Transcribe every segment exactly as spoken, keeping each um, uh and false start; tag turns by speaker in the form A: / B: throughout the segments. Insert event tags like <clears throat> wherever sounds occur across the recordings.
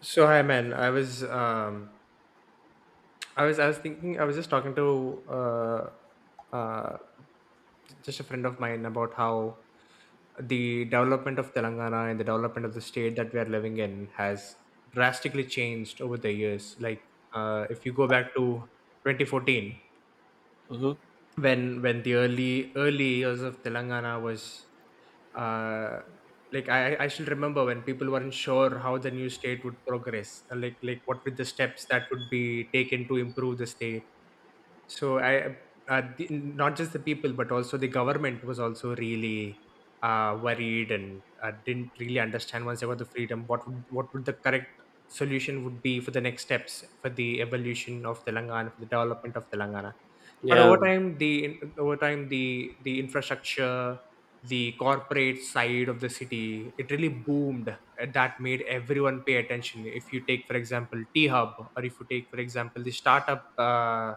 A: So hi man, I was um I was I was thinking. I was just talking to uh uh just a friend of mine about how the development of Telangana and the development of the state that we are living in has drastically changed over the years. Like uh if you go back to twenty fourteen,
B: Hmm.
A: when when the early early years of Telangana was, uh, like, I I I still remember when people weren't sure how the new state would progress, uh, like like what were the steps that would be taken to improve the state. so I, uh, the, Not just the people, but also the government was also really uh, worried and uh, didn't really understand once they got the freedom what would, what would the correct solution would be for the next steps for the evolution of Telangana, for the development of Telangana. But over
B: Yeah,
A: time, the over time the the infrastructure, the corporate side of the city, it really boomed, and that made everyone pay attention. If you take, for example, T Hub, or if you take, for example, the startup — Uh,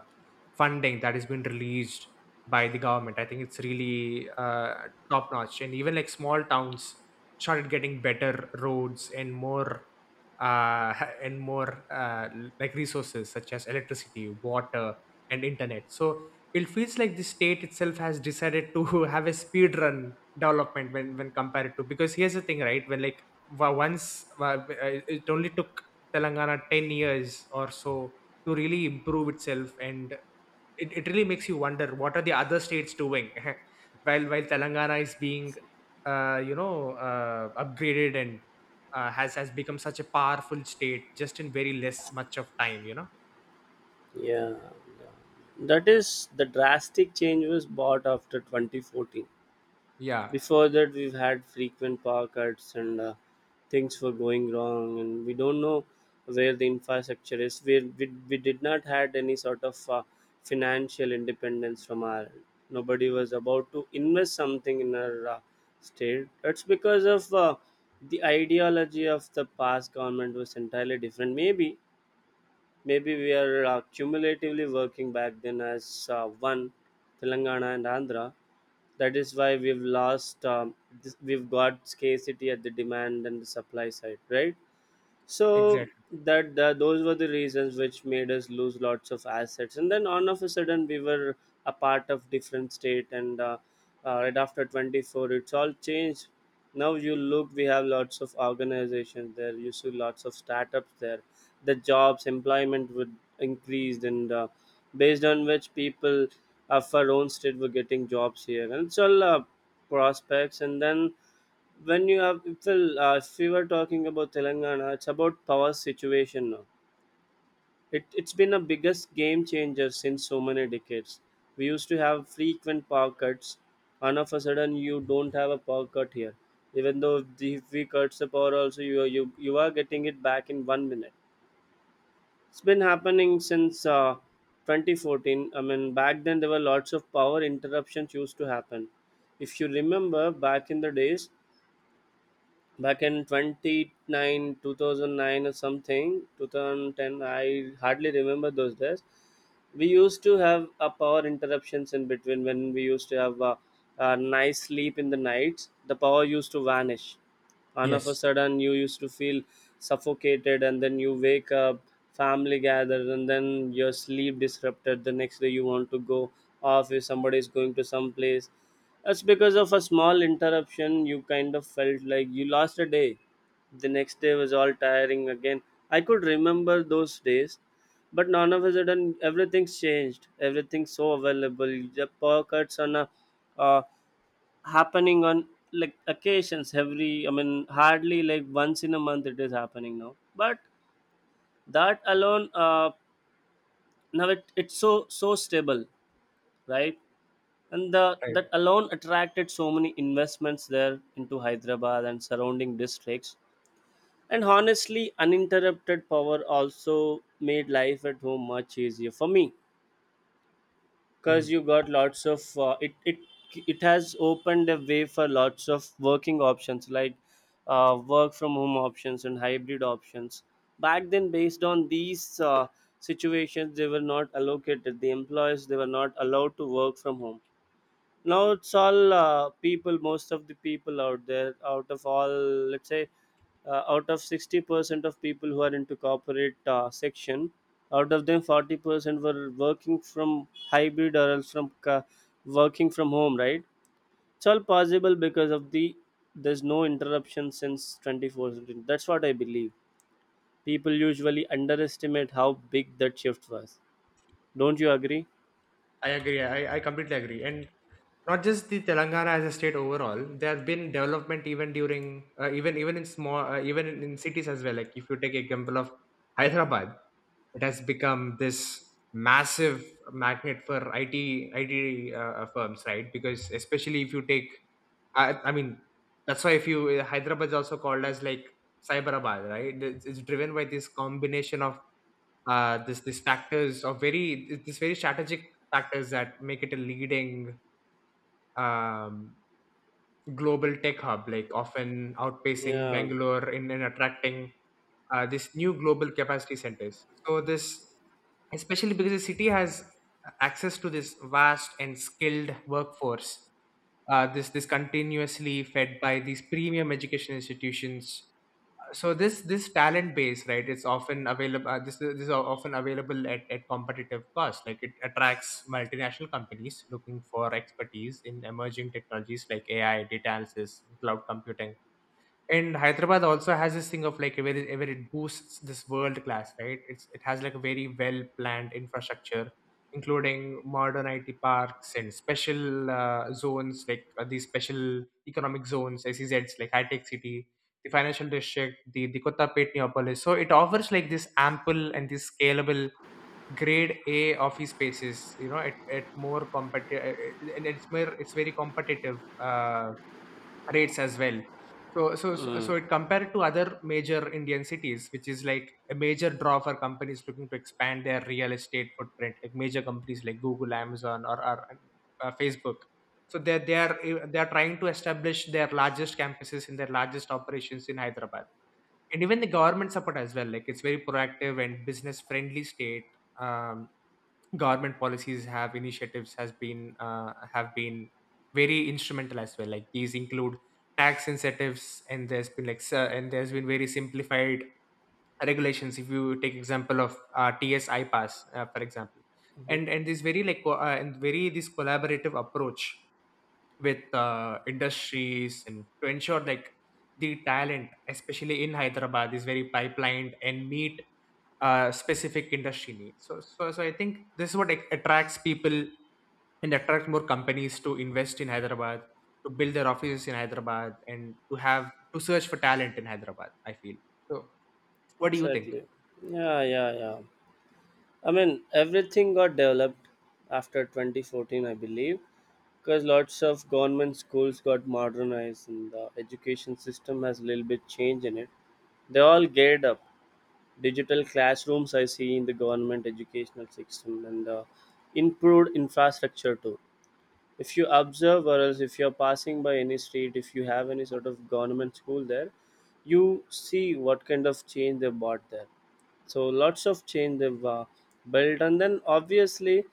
A: funding that has been released by the government, I think it's really uh, top notch. And even like small towns started getting better roads and more uh, <laughs> and more uh, like resources such as electricity, water, and internet. So it feels like the state itself has decided to <laughs> have a speed run development when when compared to, because here's the thing, right? When like wa- once wa- uh, It only took Telangana ten years or so to really improve itself, and it, it really makes you wonder what are the other states doing, <laughs> while while Telangana is being uh, you know uh, upgraded and uh, has has become such a powerful state, just in very less much of time you know
B: yeah. That is the drastic change was bought after twenty fourteen.
A: Yeah.
B: Before that, we've had frequent power cuts and uh, things were going wrong, and we don't know where the infrastructure is. We we, we did not had any sort of uh, financial independence from our end. Nobody was about to invest something in our uh, state. That's because of uh, the ideology of the past government was entirely different. Maybe Maybe we are uh, cumulatively working back then as uh, one Telangana and Andhra. That is why we've lost. Um, this, we've got scarcity at the demand and the supply side, right? so
A: Exactly.
B: that, that those were the reasons which made us lose lots of assets, and then all of a sudden we were a part of different state, and uh, uh, right after twenty four it's all changed. Now you look, we have lots of organizations there, you see lots of startups there, the jobs employment would increased, and uh, based on which people of our own state were getting jobs here. And it's all uh, prospects. And then when you have if, well, uh, if we were talking about Telangana, it's about power situation now. It it's been a biggest game changer since so many decades. We used to have frequent power cuts. All of a sudden you don't have a power cut here. Even though the- if we cut the power, also you are- you you are getting it back in one minute. It's been happening since uh, twenty fourteen. I mean, back then there were lots of power interruptions used to happen. If you remember back in the days, back in twenty nine two thousand nine or something, two thousand ten, i hardly remember those days. We used to have a power interruptions in between, when we used to have a, a nice sleep in the nights, the power used to vanish. All of a
A: Yes.
B: sudden you used to feel suffocated, and then you wake up, family gathers, and then your sleep disrupted the next day. You want to go office, somebody is going to some place. That's because of a small interruption, you kind of felt like you lost a day. The next day was all tiring again. I could remember those days, but none of a sudden everything's changed. Everything's so available. The pockets on a uh, happening on like occasions every. I mean, hardly like once in a month it is happening now. But that alone, uh, now it, it's so so stable, right? And the, that
A: Right.
B: alone attracted so many investments there into Hyderabad and surrounding districts. And honestly, uninterrupted power also made life at home much easier for me, because
A: Mm.
B: you got lots of uh, it, it it has opened a way for lots of working options like uh, work from home options and hybrid options. Back then, based on these uh, situations, they were not allocated the employees, they were not allowed to work from home. Now it's all uh, people. Most of the people out there, out of all, let's say, uh, out of sixty percent of people who are into corporate uh, section, out of them forty percent were working from hybrid or else from ca- working from home. Right? It's all possible because of the there's no interruption since twenty four seven. That's what I believe. People usually underestimate how big that shift was. Don't you agree?
A: I agree. I, I completely agree. And not just the Telangana as a state, overall there have been development even during uh, even even in small uh, even in in cities as well, like if you take example of Hyderabad. It has become this massive magnet for I T I T uh, uh, firms, right? Because especially if you take — I, I mean, that's why, if you uh, Hyderabad is also called as like Cyberabad, right? It's, it's driven by this combination of uh, this this factors of very this very strategic factors that make it a leading, um, global tech hub, like often outpacing
B: Yeah.
A: Bangalore in, in attracting uh, this new global capacity centers. So this, especially because the city has access to this vast and skilled workforce, uh, this this continuously fed by these premium education institutions. So this this talent base, right, it's often available, uh, this this is often available at, at competitive cost. Like, it attracts multinational companies looking for expertise in emerging technologies like A I, data analysis, cloud computing. And Hyderabad also has this thing of like where it, where it boosts this world class, right? It's it has like a very well planned infrastructure, including modern I T parks and special uh, zones like uh, these special economic zones, S E Zs, like high tech city, the financial district, the the Kottapet Neopolis. So it offers like this ample and this scalable grade A office spaces, you know, at, at more competitive — and it's more it's very competitive Uh, rates as well. So, so, so
B: Mm.
A: so it compared to other major Indian cities, which is like a major draw for companies looking to expand their real estate footprint, like major companies like Google, Amazon, or, or uh, Facebook. So they they are eh, they are trying to establish their largest campuses, in their largest operations in Hyderabad. And even the government support as well. Like, it's very proactive and business friendly state. Um, Government policies have initiatives has been uh, have been very instrumental as well, like these include tax incentives, and there's been like s- and there's been very simplified regulations, if you take example of uh, tsi pass, uh, for example.
B: Mhm.
A: And and this very like co- uh, and very this collaborative approach with uh, industries, and to ensure like the talent especially in Hyderabad is very pipelined and meet uh, specific industry needs. So, so so I think this is what like attracts people and attract more companies to invest in Hyderabad, to build their offices in Hyderabad, and to have to search for talent in Hyderabad, I feel. So what do you think?
B: Exactly. Yeah, yeah, yeah. I mean, everything got developed after twenty fourteen, I believe, because lots of government schools got modernized and the education system has a little bit change in it. They all geared up. Digital classrooms I see in the government educational system and the improved infrastructure too. If you observe, or else if you're passing by any street, if you have any sort of government school there, you see what kind of change they bought there. So lots of change they've uh, built, and then obviously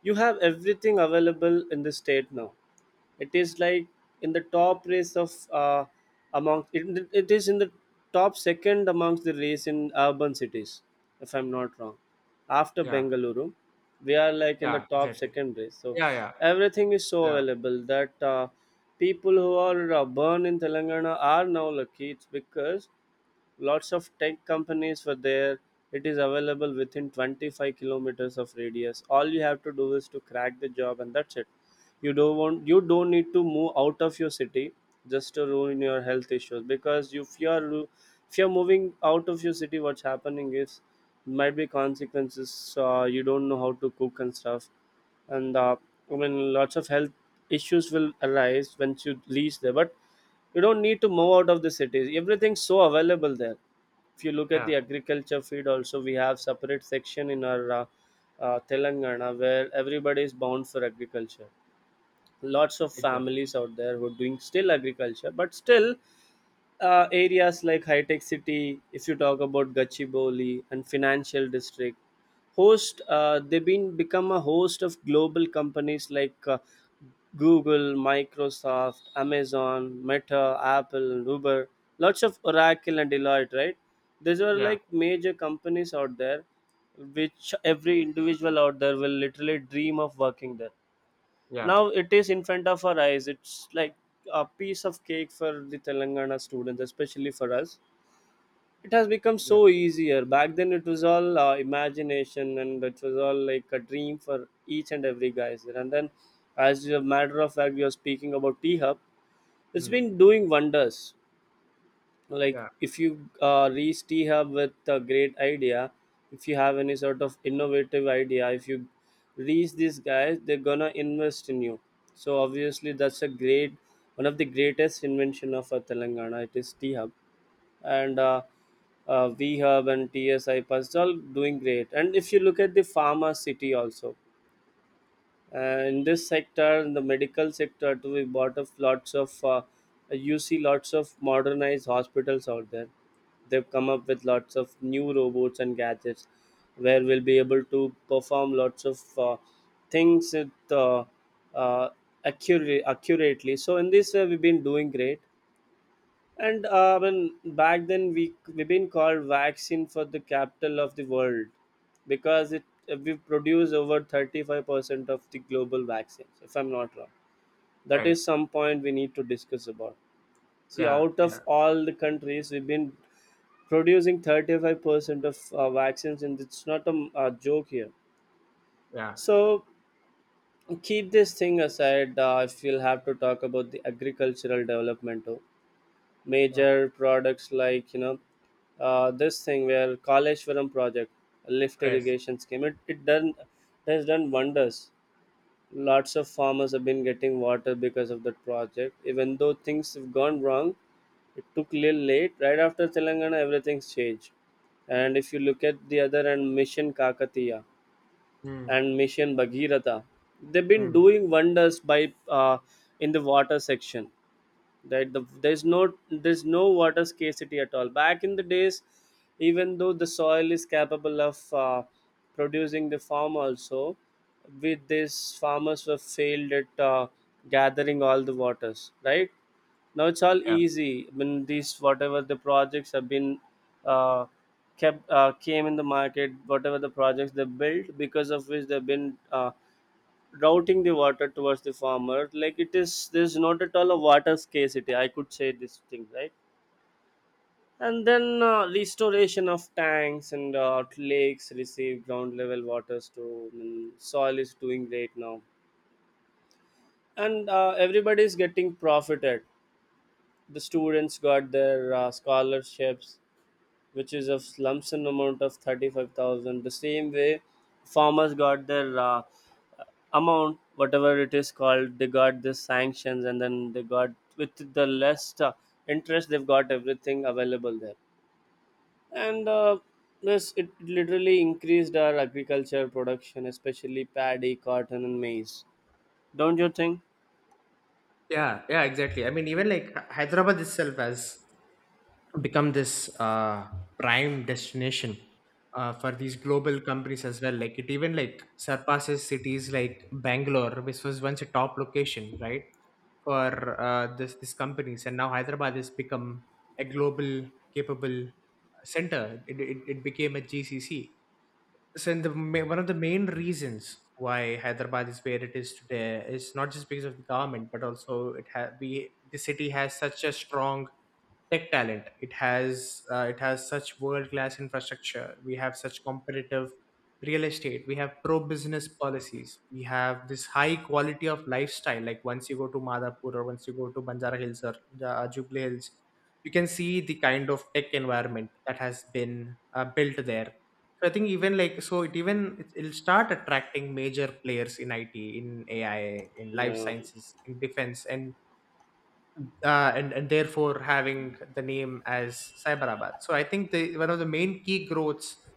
B: you have everything available in the state now. It is like in the top race of uh, among it, it is in the top second amongst the race in urban cities, if i'm not wrong, after
A: Yeah,
B: Bengaluru. We are like in the
A: yeah.
B: top
A: Exactly.
B: second race. So
A: Yeah, yeah,
B: everything is so
A: yeah.
B: available that uh, people who are uh, born in Telangana are now lucky. It's because lots of tech companies were there, it is available within twenty five kilometers of radius. All you have to do is to crack the job and that's it. You don't want you don't need to move out of your city, just to ruin your health issues. Because if you are if you're moving out of your city, what's happening is might be consequences. Uh, you don't know how to cook and stuff, and uh, i mean lots of health issues will arise once you leave there. But you don't need to move out of the cities, everything's so available there. If you look at the
A: Yeah.
B: agriculture field also, we have separate section in our uh, uh, Telangana, where everybody is bound for agriculture. Lots of
A: Exactly.
B: families out there who are doing still agriculture, but still uh, areas like High Tech City, if you talk about Gachibowli and financial district, host uh, they've been become a host of global companies like uh, Google, Microsoft, Amazon, Meta, Apple and Uber, lots of Oracle and Deloitte, right? These are
A: Yeah,
B: like major companies out there, which every individual out there will literally dream of working there.
A: yeah,
B: Now it is in front of our eyes. It's like a piece of cake for the Telangana students, especially for us. It has become
A: yeah.
B: so easier. Back then, it was all uh, imagination, and it was all like a dream for each and every guy. there. And then, as a matter of fact, we are speaking about T Hub, it's
A: Mm.
B: been doing wonders. Like
A: Yeah.
B: if you uh, reach T Hub with a great idea, if you have any sort of innovative idea, if you reach these guys, they're gonna invest in you. So obviously that's a great one of the greatest invention of our Telangana, it is T Hub. And uh, uh, V Hub and TSI Pass, all doing great. And if you look at the Pharma City also, uh, in this sector, in the medical sector too, we bought of lots of. Uh, you see lots of modernized hospitals out there. They've come up with lots of new robots and gadgets, where we'll be able to perform lots of uh, things with uh, uh, accurately. Accurately. So in this way, we've been doing great. And uh, when back then we we've been called vaccine for the capital of the world, because it we produce over thirty five percent of the global vaccines. If I'm not wrong, that
A: Right.
B: is some point we need to discuss about. See,
A: Yeah,
B: out
A: yeah,
B: of all the countries, we've been producing thirty five percent of uh, vaccines, and it's not a, uh joke here.
A: yeah.
B: So keep this thing aside. Uh, if you'll have to talk about the agricultural development too,
A: Yeah,
B: major products like you know uh, this thing where Kaleshwaram project, lift
A: press.
B: irrigation scheme, it, it done. It has done wonders. Lots of farmers have been getting water because of that project. Even though things have gone wrong, it took little late, right after Telangana everything's changed. And if you look at the other end, Mission Kakatiya
A: Mm,
B: and Mission Bhagirata, they've been
A: mm.
B: doing wonders by uh, in the water section. That the, there's no there's no water scarcity at all. Back in the days, even though the soil is capable of uh, producing the farm also, with this farmers were failed at uh, gathering all the waters, right? Now it's all
A: Yeah.
B: easy, when these whatever the projects have been uh, kept uh, came in the market, whatever the projects they built, because of which they've been uh, routing the water towards the farmer. Like it is, there's not at all a water scarcity, i could say this thing, right? And then uh, restoration of tanks and uh, lakes receive ground level waters to mm, soil is doing great now. And uh, everybody is getting profited. The students got their uh, scholarships, which is of lump sum amount of thirty five thousand. The same way, farmers got their uh, amount, whatever it is called, they got this sanctions, and then they got with the less uh, interest, they've got everything available there. And uh, this it literally increased our agriculture production, especially paddy, cotton and maize. Don't you think?
A: Yeah, yeah, exactly. I mean, even like Hy- Hyderabad itself has become this uh, prime destination uh, for these global companies as well. Like, it even like surpasses cities like Bangalore, which was once a top location, right, for uh, this these companies, and now Hyderabad has become a global capable center. It it, it became a G C C. So, in the ma- one of the main reasons why Hyderabad is where it is today is not just because of the government, but also, it ha- we the city has such a strong tech talent. It has uh, it has such world class infrastructure. We have such competitive real estate. We have pro business policies. We have this high quality of lifestyle. Like, once you go to Madhapur, or once you go to Banjara Hills, or uh, Jubilee Hills, you can see the kind of tech environment that has been uh, built there. So I think even like, so it even it- it'll start attracting major players in it, in A I, in life
B: Yeah,
A: sciences, in defense, and uh, and and therefore having the name as Cyberabad. So I think the one of the main key growths,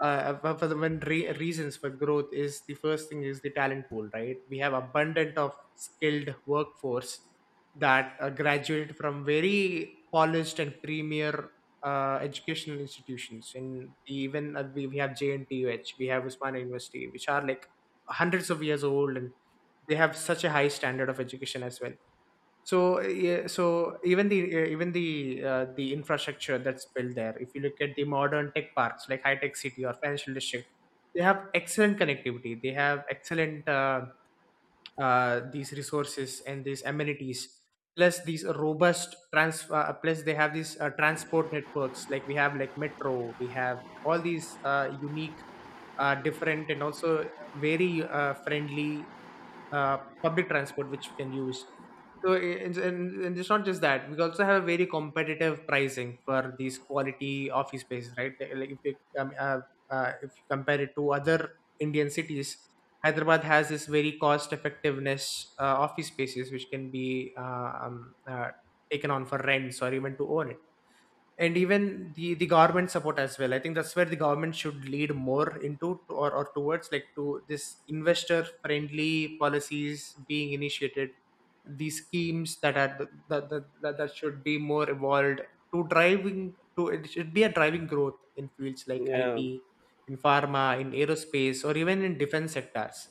A: uh, one of the main re- reasons for growth, is the first thing, is the talent pool, right? We have abundant of skilled workforce that uh, graduated from very polished and premier uh, educational institutions. And even uh, we, we have J N T U H, we have Usmania University, which are like hundreds of years old, and they have such a high standard of education as well. So yeah, so even the uh, even the uh, the infrastructure that's built there. If you look at the modern tech parks like high tech city or financial district, they have excellent connectivity, they have excellent uh, uh, these resources and these amenities, plus these robust trans uh, plus they have these uh, transport networks. Like, we have like metro, we have all these uh, unique, uh, different, and also very uh, friendly, uh, public transport which we can use. So i- and, and, and it's not just that, we also have a very competitive pricing for these quality office spaces, right? They- Like, if you, um, uh, uh, if you compare it to other Indian cities, Hyderabad has this very cost effectiveness uh, office spaces which can be, uh, um, uh, taken on for rents or even to own it. And even the the government support as well, I think that's where the government should lead more into, or, or towards, like, to this investor friendly policies being initiated. These schemes that are, that, that, that, that should be more evolved, to driving to, it should be a driving growth in fields like it,
B: yeah,
A: in pharma, in aerospace, or even in defense sectors.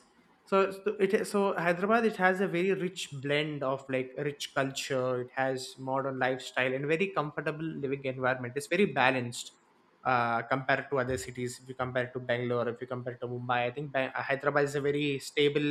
A: So, it's the- it is- so Hyderabad, it has a very rich blend of like rich culture. It has modern lifestyle and very comfortable living environment. It's very balanced uh, compared to other cities. If you compare to Bangalore, if you compare to Mumbai, I think Ba- Hyderabad is a very stable,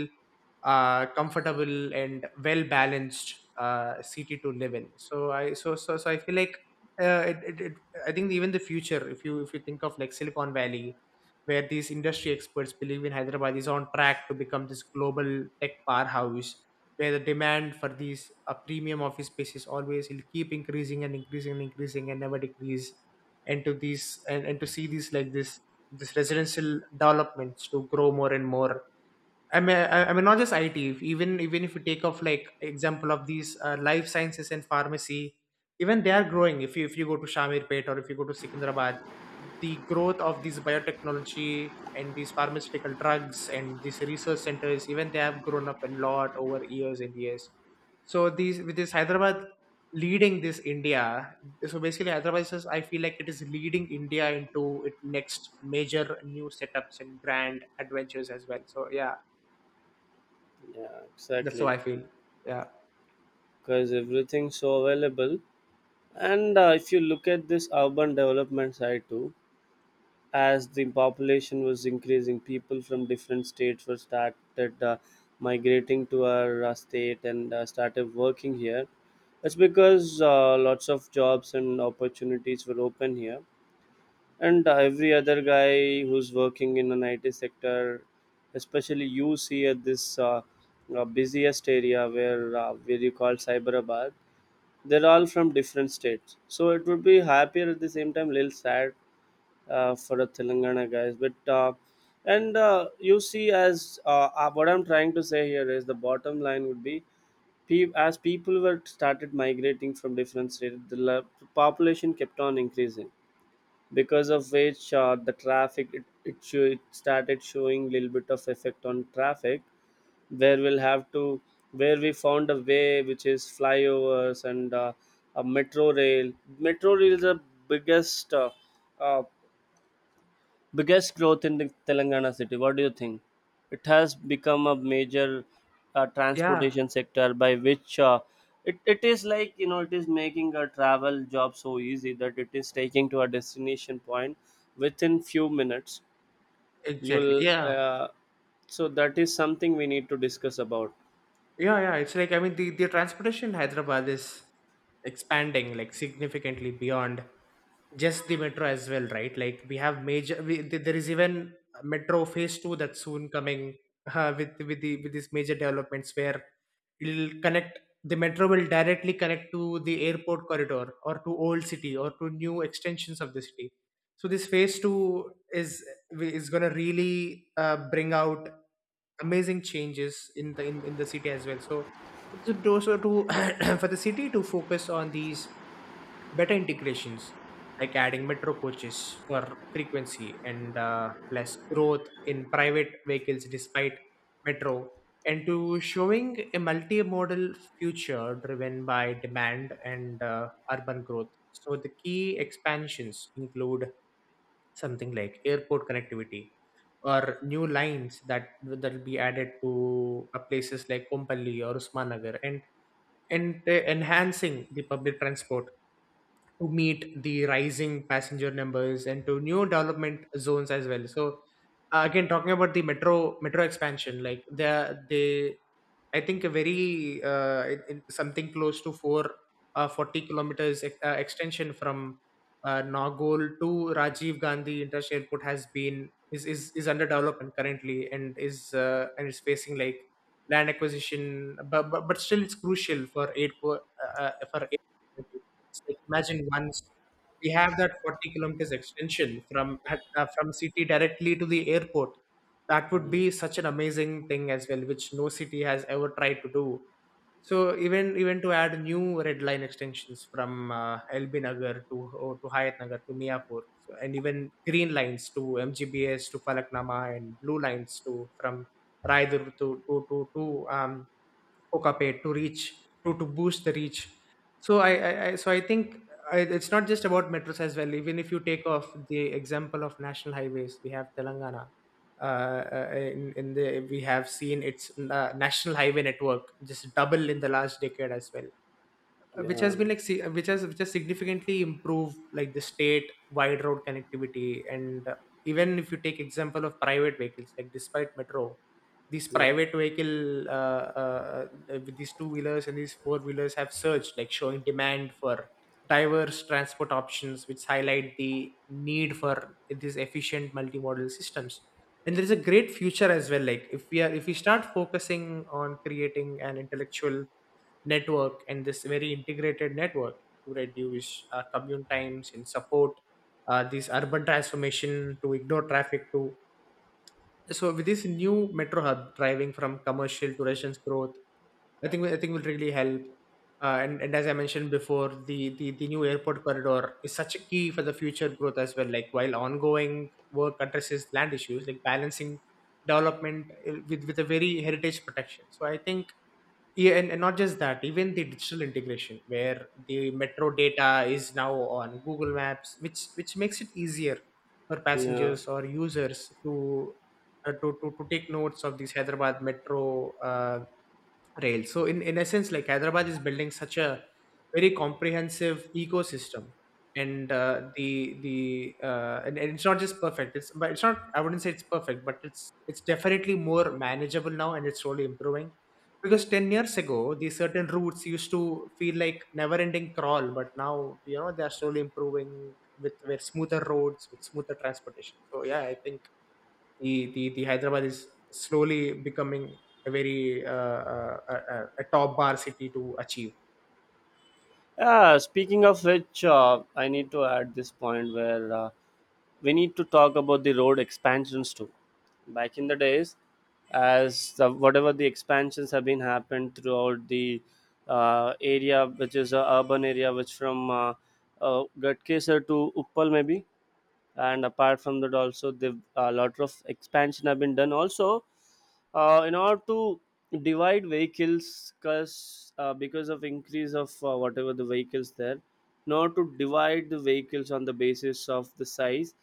A: uh, comfortable, and well balanced uh, city to live in. So i so so, so I feel like, uh, it, it, it, I think even the future, if you if you think of like Silicon Valley, where these industry experts believe, in Hyderabad is on track to become this global tech powerhouse, where the demand for these a premium office spaces always will keep increasing and increasing and increasing and never decrease. And to these, and, and to see these like this this residential developments to grow more and more. I mean, I I mean, not just I T. if- Even even if you take off like example of these uh, life sciences and pharmacy, even they are growing. If you, if you go to Shamirpet, or if you go to Secunderabad, the growth of these biotechnology and these pharmaceutical drugs and these research centers, even they have grown up a lot over years and years. So these, with this Hyderabad leading this India, so basically Hyderabad is just — I feel like it is leading India into its next major new setups and grand adventures as well. So yeah.
B: yeah,
A: That's how
B: exactly,
A: I feel. Yeah.
B: because everything's so available. And uh, if you look at this urban development side too, as the population was increasing, people from different states were started uh, migrating to our uh, state and uh, started working here. It's because uh, lots of jobs and opportunities were open here. And uh, Every other guy who's working in an I T sector, especially you see at this uh, uh, busiest area where uh, where you call Cyberabad, they're all from different states, so it would be happier at the same time, little sad uh, for the Telangana guys. But uh, and uh, You see, as uh, uh, what I'm trying to say here is the bottom line would be, pe- as people were started migrating from different states, the la- population kept on increasing because of which uh, the traffic, it, it, sho- it started showing little bit of effect on traffic where we'll have to, where we found a way which is flyovers and uh, a metro rail. Metro rail is the biggest uh, uh, biggest growth in the Telangana city. What do you think? It has become a major uh,
A: Yeah.
B: transportation sector by which uh, it, it is like, you know, it is making a travel job so easy that it is taking to a destination point within few minutes.
A: Exactly.
B: You'll
A: Yeah.
B: uh, So that is something we need to discuss about.
A: Yeah. Yeah. It's like I mean the, the transportation in Hyderabad is expanding like significantly beyond just the metro as well, right? Like we have major. We, th- there is even metro phase two that's soon coming <laughs> uh, with with the with these major developments where it'll connect the metro will directly connect to the airport corridor or to old city or to new extensions of the city. So this phase two is is going to really uh, bring out amazing changes in the in, in the city as well, so so to, so to <clears throat> for the city to focus on these better integrations, like adding metro coaches for frequency and uh, less growth in private vehicles despite metro, and to showing a multimodal future driven by demand and uh, urban growth. So the key expansions include something like airport connectivity or new lines that that will be added to uh, places like Kompally or Usmanagar, and and uh, enhancing the public transport to meet the rising passenger numbers and to new development zones as well. So uh, again, talking about the metro metro expansion, like the they, I think a very uh, it- it- something close to four uh, forty kilometers ex- uh, extension from uh, Nagol to Rajiv Gandhi International Airport has been is is, is under development currently and is uh, and is facing like land acquisition, but, but but still it's crucial for aid po- uh, uh, for aid. It's like, imagine once we have that forty kilometers extension from uh, from city directly to the airport. That would
B: Mhm.
A: be such an amazing thing as well, which no city has ever tried to do. So even even to add new red line extensions from uh, L B Nagar to oh, to Hayat Nagar to Miapur, so, and even green lines to M G B S to Falaknama, and blue lines to from Raidur to to to, to um, coca pay to reach, to to boost the reach. So i i, I so i think I, it's not just about metros as well. Even if you take off the example of national highways, we have Telangana uh, uh, in, in the, we have seen its uh, national highway network just double in the last decade as well, uh, which
B: Yeah,
A: has been like si- which has which has significantly improved like the state wide road connectivity. And uh, even if you take example of private vehicles, like despite metro, these
B: yeah,
A: private vehicle uh, uh, uh, with these two wheelers and these four wheelers have surged, like showing demand for diverse transport options, which highlight the need for these efficient multimodal systems. And there is a great future as well, like if we are if we start focusing on creating an intellectual network and this very integrated network to reduce uh, commute times and support uh, this urban transformation to ignore traffic to, so with this new metro hub driving from commercial to residence growth, i think i think will really help. Uh, and, and as I mentioned before, the, the the new airport corridor is such a key for the future growth as well, like while ongoing work addresses land issues like balancing development uh, with with a very heritage protection. So I think, yeah, and, and not just that, even the digital integration where the metro data is now on Google Maps, which which makes it easier for
B: yeah.
A: passengers or users to uh, to, to, to take notes of these Hyderabad metro uh, rails. So in in essence, like Hyderabad is building such a very comprehensive ecosystem, and uh, the the uh, and, and it's not just perfect. It's but it's not. I wouldn't say it's perfect, but it's it's definitely more manageable now, and it's slowly improving. Because ten years ago, these certain routes used to feel like never-ending crawl, but now you know, they are slowly improving with with smoother roads, with smoother transportation. So yeah, I think the the the Hyderabad is slowly becoming a very uh, uh, a, a a top bar city to achieve.
B: Uh, speaking of which, uh, I need to add this point where uh, we need to talk about the road expansions too. Back in the days, as the, whatever the expansions have been happened throughout the uh, area, which is a urban area, which from uh, uh, Gatkeser to Uppal maybe, and apart from that also the a lot of expansion have been done. Also, uh, in order to divide vehicles because uh, because of increase of uh, whatever the vehicles there, in order to divide the vehicles on the basis of the size,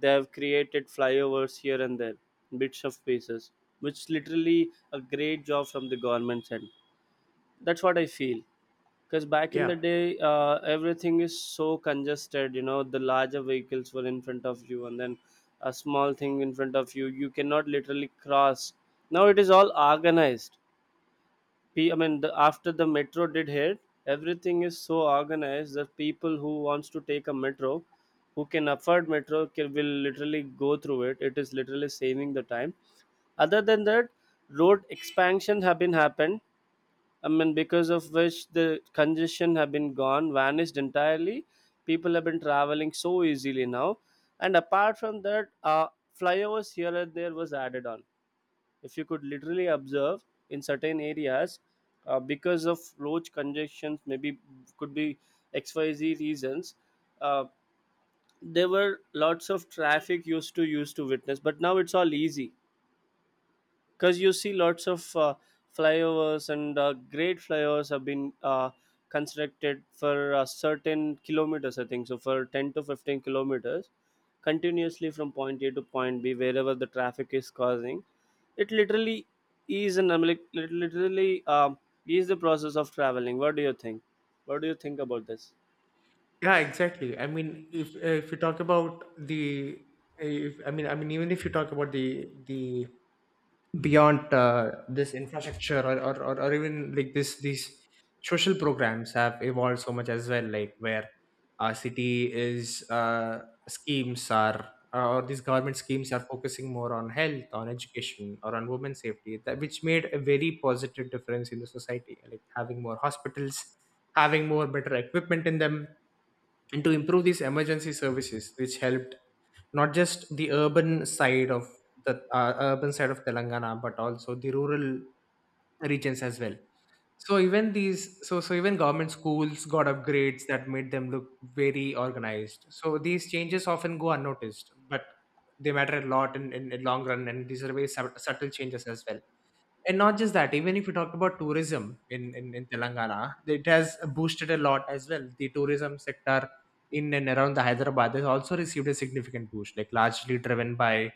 B: they have created flyovers here and there, bits of spaces, which literally a great job from the government's end. That's what I feel. Because back in the
A: Yeah,
B: day uh, everything is so congested, you know, the larger vehicles were in front of you and then a small thing in front of you, you cannot literally cross. Now it is all organized. P- I mean, the, after the metro did hit, everything is so organized that people who wants to take a metro, who can afford metro can, will literally go through it. It is literally saving the time. Other than that, road expansion have been happened. I mean, because of which the congestion have been gone, vanished entirely. People have been traveling so easily now. And apart from that, uh, flyovers here and there was added on. If you could literally observe in certain areas, uh, because of road congestions, maybe could be X Y Z reasons, uh, there were lots of traffic used to used to witness. But now it's all easy because you see lots of uh, flyovers and uh, great flyovers have been uh, constructed for uh, certain kilometers. I think so for ten to fifteen kilometers continuously from point a to point b wherever the traffic is causing, it literally is an like, lit- literally um, is the process of traveling. What do you think? What do you think about this?
A: yeah, exactly. I mean, if if you talk about the, if, I mean, I mean, even if you talk about the the beyond uh, this infrastructure or, or, or, or even like this these social programs have evolved so much as well, like where our city is uh, schemes are uh, or these government schemes are focusing more on health, on education, or on women's safety, that, which made a very positive difference in the society, like having more hospitals, having more better equipment in them, and to improve these emergency services, which helped not just the urban side of the uh, urban side of Telangana, but also the rural regions as well. So even these, so so even government schools got upgrades that made them look very organized. So these changes often go unnoticed, but they matter a lot in in, in long run, and these are very sub- subtle changes as well. And not just that, even if you talk about tourism in, in, in Telangana, it has boosted a lot as well. The tourism sector in and around the Hyderabad has also received a significant boost, like largely driven by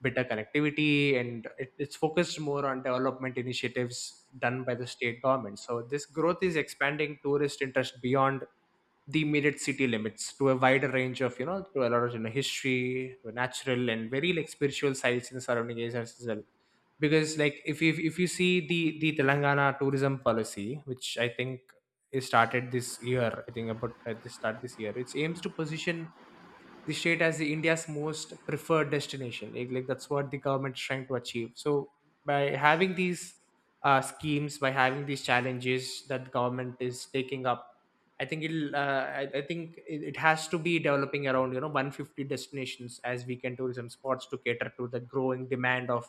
A: better connectivity, and it, it's focused more on development initiatives done by the state government. So this growth is expanding tourist interest beyond the immediate city limits to a wider range of, you know, to a lot of, you know, history, to natural and very like spiritual sites in the surrounding areas as well. Because like if you if you see the the Telangana tourism policy, which I think is started this year, I think about at the start this year, it aims to position the state as the India's most preferred destination. Like, like that's what the government's trying to achieve. So by having these uh, schemes, by having these challenges that the government is taking up, I think it'll. Uh, I, I think it, it has to be developing around, you know, one hundred fifty destinations as weekend tourism spots to cater to the growing demand of,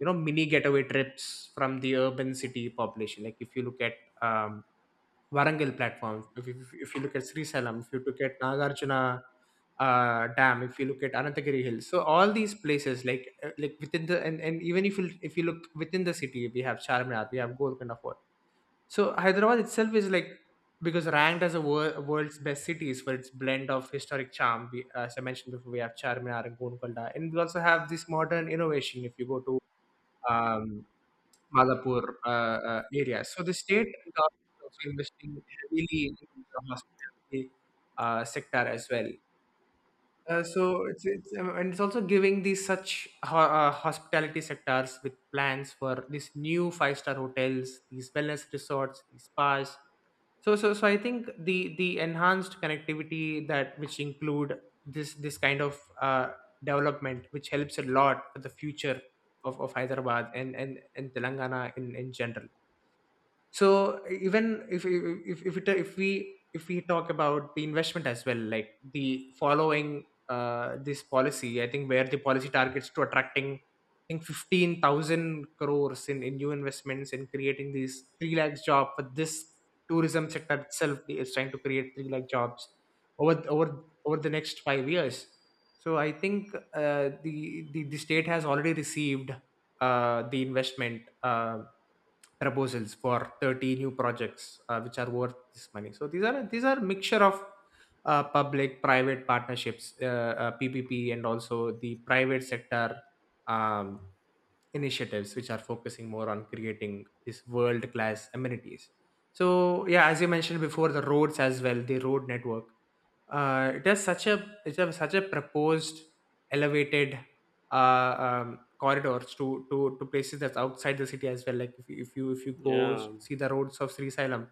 A: you know, mini getaway trips from the urban city population. Like if you look at um, Warangal platform. If, if, if you look at Sri Salam, if you look at Nagarjuna uh, Dam, if you look at Anantagiri Hills, so all these places, like uh, like within the, and, and even if you if you look within the city, we have Charminar, we have Golconda Fort. So Hyderabad itself is like, because ranked as a wor- world's best cities for its blend of historic charm. We, as I mentioned before, we have Charminar and Golconda, and we also have this modern innovation. If you go to Um. Malapur uh, uh, area. So the state government is also investing heavily in the hospitality uh, sector as well. Uh, so it's, it's um, and it's also giving these such ho- uh, hospitality sectors with plans for these new five star hotels, these wellness resorts, these spas. So so so I think the the enhanced connectivity that which include this this kind of uh, development, which helps a lot for the future of, of Hyderabad and and, and Telangana in in general. So even if if if, it, if we if we talk about the investment as well, like the following uh, this policy, I think, where the policy targets to attracting, I think, fifteen thousand crores in in new investments and creating these three lakhs job for this tourism sector itself is trying to create three lakh jobs over over over the next five years. So I think uh, the, the the state has already received uh, the investment uh, proposals for thirty new projects uh, which are worth this money. So these are these are mixture of uh, public private partnerships, uh, uh, ppp, and also the private sector um, initiatives, which are focusing more on creating this world class amenities. So yeah, as you mentioned before, the roads as well, the road network, uh, it has such a, it has such a proposed elevated uh, um, corridors to to to places that's outside the city as well. Like if you if you if you go s-
B: Yeah,
A: see the roads of Sri Sailam,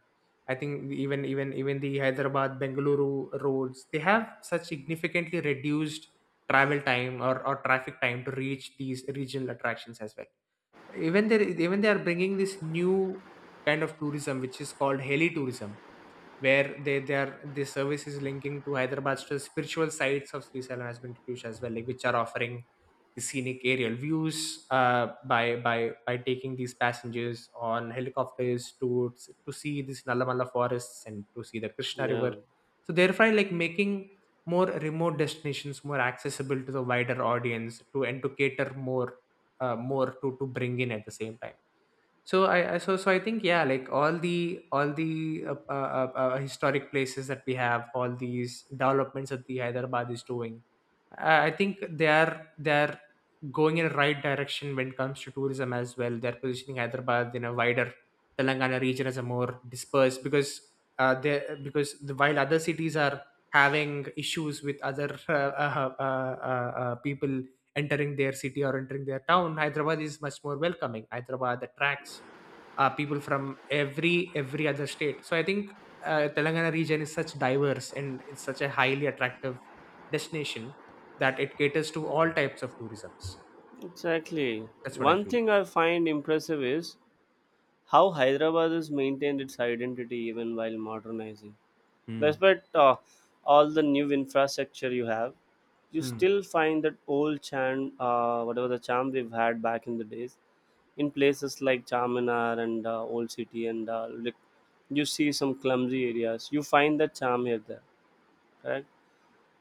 A: I think the- even even even the Hyderabad Bengaluru roads, they have such significantly reduced travel time, or, or traffic time to reach these regional attractions as well. Even they even they are bringing this new kind of tourism, which is called heli tourism, where they they are the service is linking to Hyderabad's to spiritual sites of Sri Sailam has been introduced as well, like which are offering the scenic aerial views uh, by by by taking these passengers on helicopters to to see these Nalamala forests and to see the Krishna River.
B: yeah,
A: So therefore, like making more remote destinations more accessible to the wider audience to and to cater more uh, more to to bring in at the same time. So I I- so so I think yeah, like all the all the uh, uh, uh, uh, historic places that we have, all these developments that the Hyderabad is doing, I, I think they are they are going in the right direction when it comes to tourism as well. They're positioning Hyderabad in a wider Telangana region as a more dispersed, because uh, they because the, while other cities are having issues with other uh, uh, uh, uh, uh, people entering their city or entering their town, Hyderabad is much more welcoming. Hyderabad attracts uh, people from every every other state. So I think uh, Telangana region is such diverse and it's such a highly attractive destination that it caters to all types of tourisms.
B: exactly.
A: That's what I
B: One
A: feel.
B: thing I find impressive is how Hyderabad has maintained its identity even while modernizing.
A: Mm.
B: Despite uh, all the new infrastructure you have, you
A: Mm.
B: still find that old charm, uh, whatever the charm we've had back in the days, in places like Charminar and uh, Old City, and uh, like you see some clumsy areas, you find that charm here there. Correct?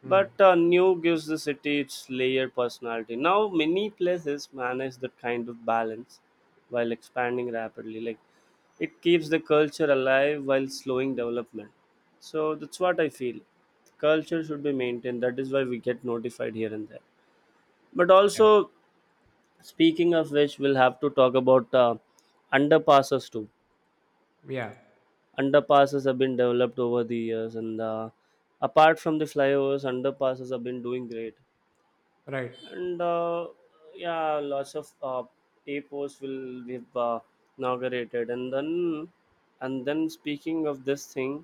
A: Mm.
B: But uh, new gives the city its layered personality. Now many places manage that kind of balance while expanding rapidly. Like it keeps the culture alive while slowing development. So that's what I feel. Culture should be maintained. That is why we get notified here and there. But
A: Yeah.
B: also, speaking of which, we'll have to talk about uh, underpasses too.
A: Yeah,
B: Underpasses have been developed over the years, and uh, apart from the flyovers, underpasses have been doing great.
A: right.
B: And uh, yeah, lots of uh, papers will be uh, inaugurated, and then, and then, speaking of this thing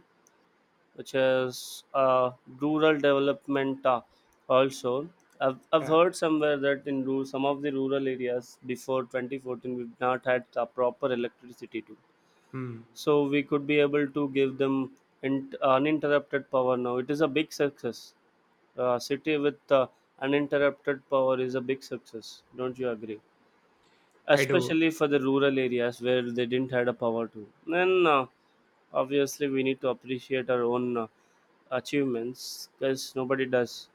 B: which is uh, rural development, uh, also, I've, I've
A: Yeah.
B: heard somewhere that in rural, some of the rural areas before twenty fourteen we've not had uh, proper electricity too,
A: Mm.
B: so we could be able to give them in, uninterrupted power. Now it is a big success. A city with uh, uninterrupted power is a big success. Don't you agree?
A: I do.
B: Especially for the rural areas where they didn't had a power to. Then uh, obviously we need to appreciate our own uh, achievements because nobody does.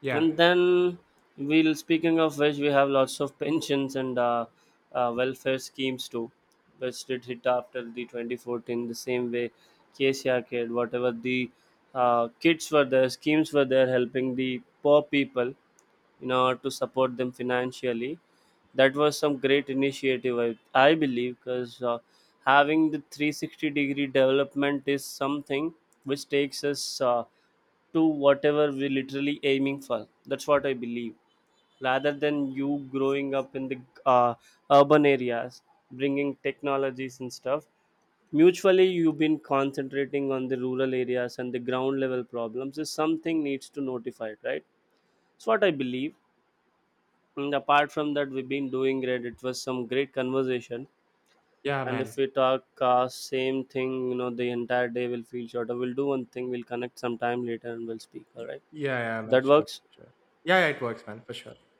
A: Yeah,
B: And then we'll, speaking of which, we have lots of pensions and uh, uh, welfare schemes too, which did hit after the twenty fourteen the same way K C R kid whatever the uh, kids were there, schemes were there helping the poor people in order to support them financially. That was some great initiative, I, I believe, because uh, having the three sixty degree development is something which takes us uh, to whatever we're literally aiming for. That's what I believe. Rather than you growing up in the uh, urban areas, bringing technologies and stuff, mutually you've been concentrating on the rural areas and the ground level problems is something needs to notify it, right? That's what I believe. And apart from that, we've been doing great. It was some great conversation.
A: yeah,
B: And
A: man.
B: if we talk uh, same thing, you know, the entire day will feel shorter. We'll do one thing. We'll connect sometime later and we'll speak. All right,
A: Yeah, yeah, man,
B: that
A: sure,
B: works.
A: sure, sure. Yeah, yeah, it works, man, for sure.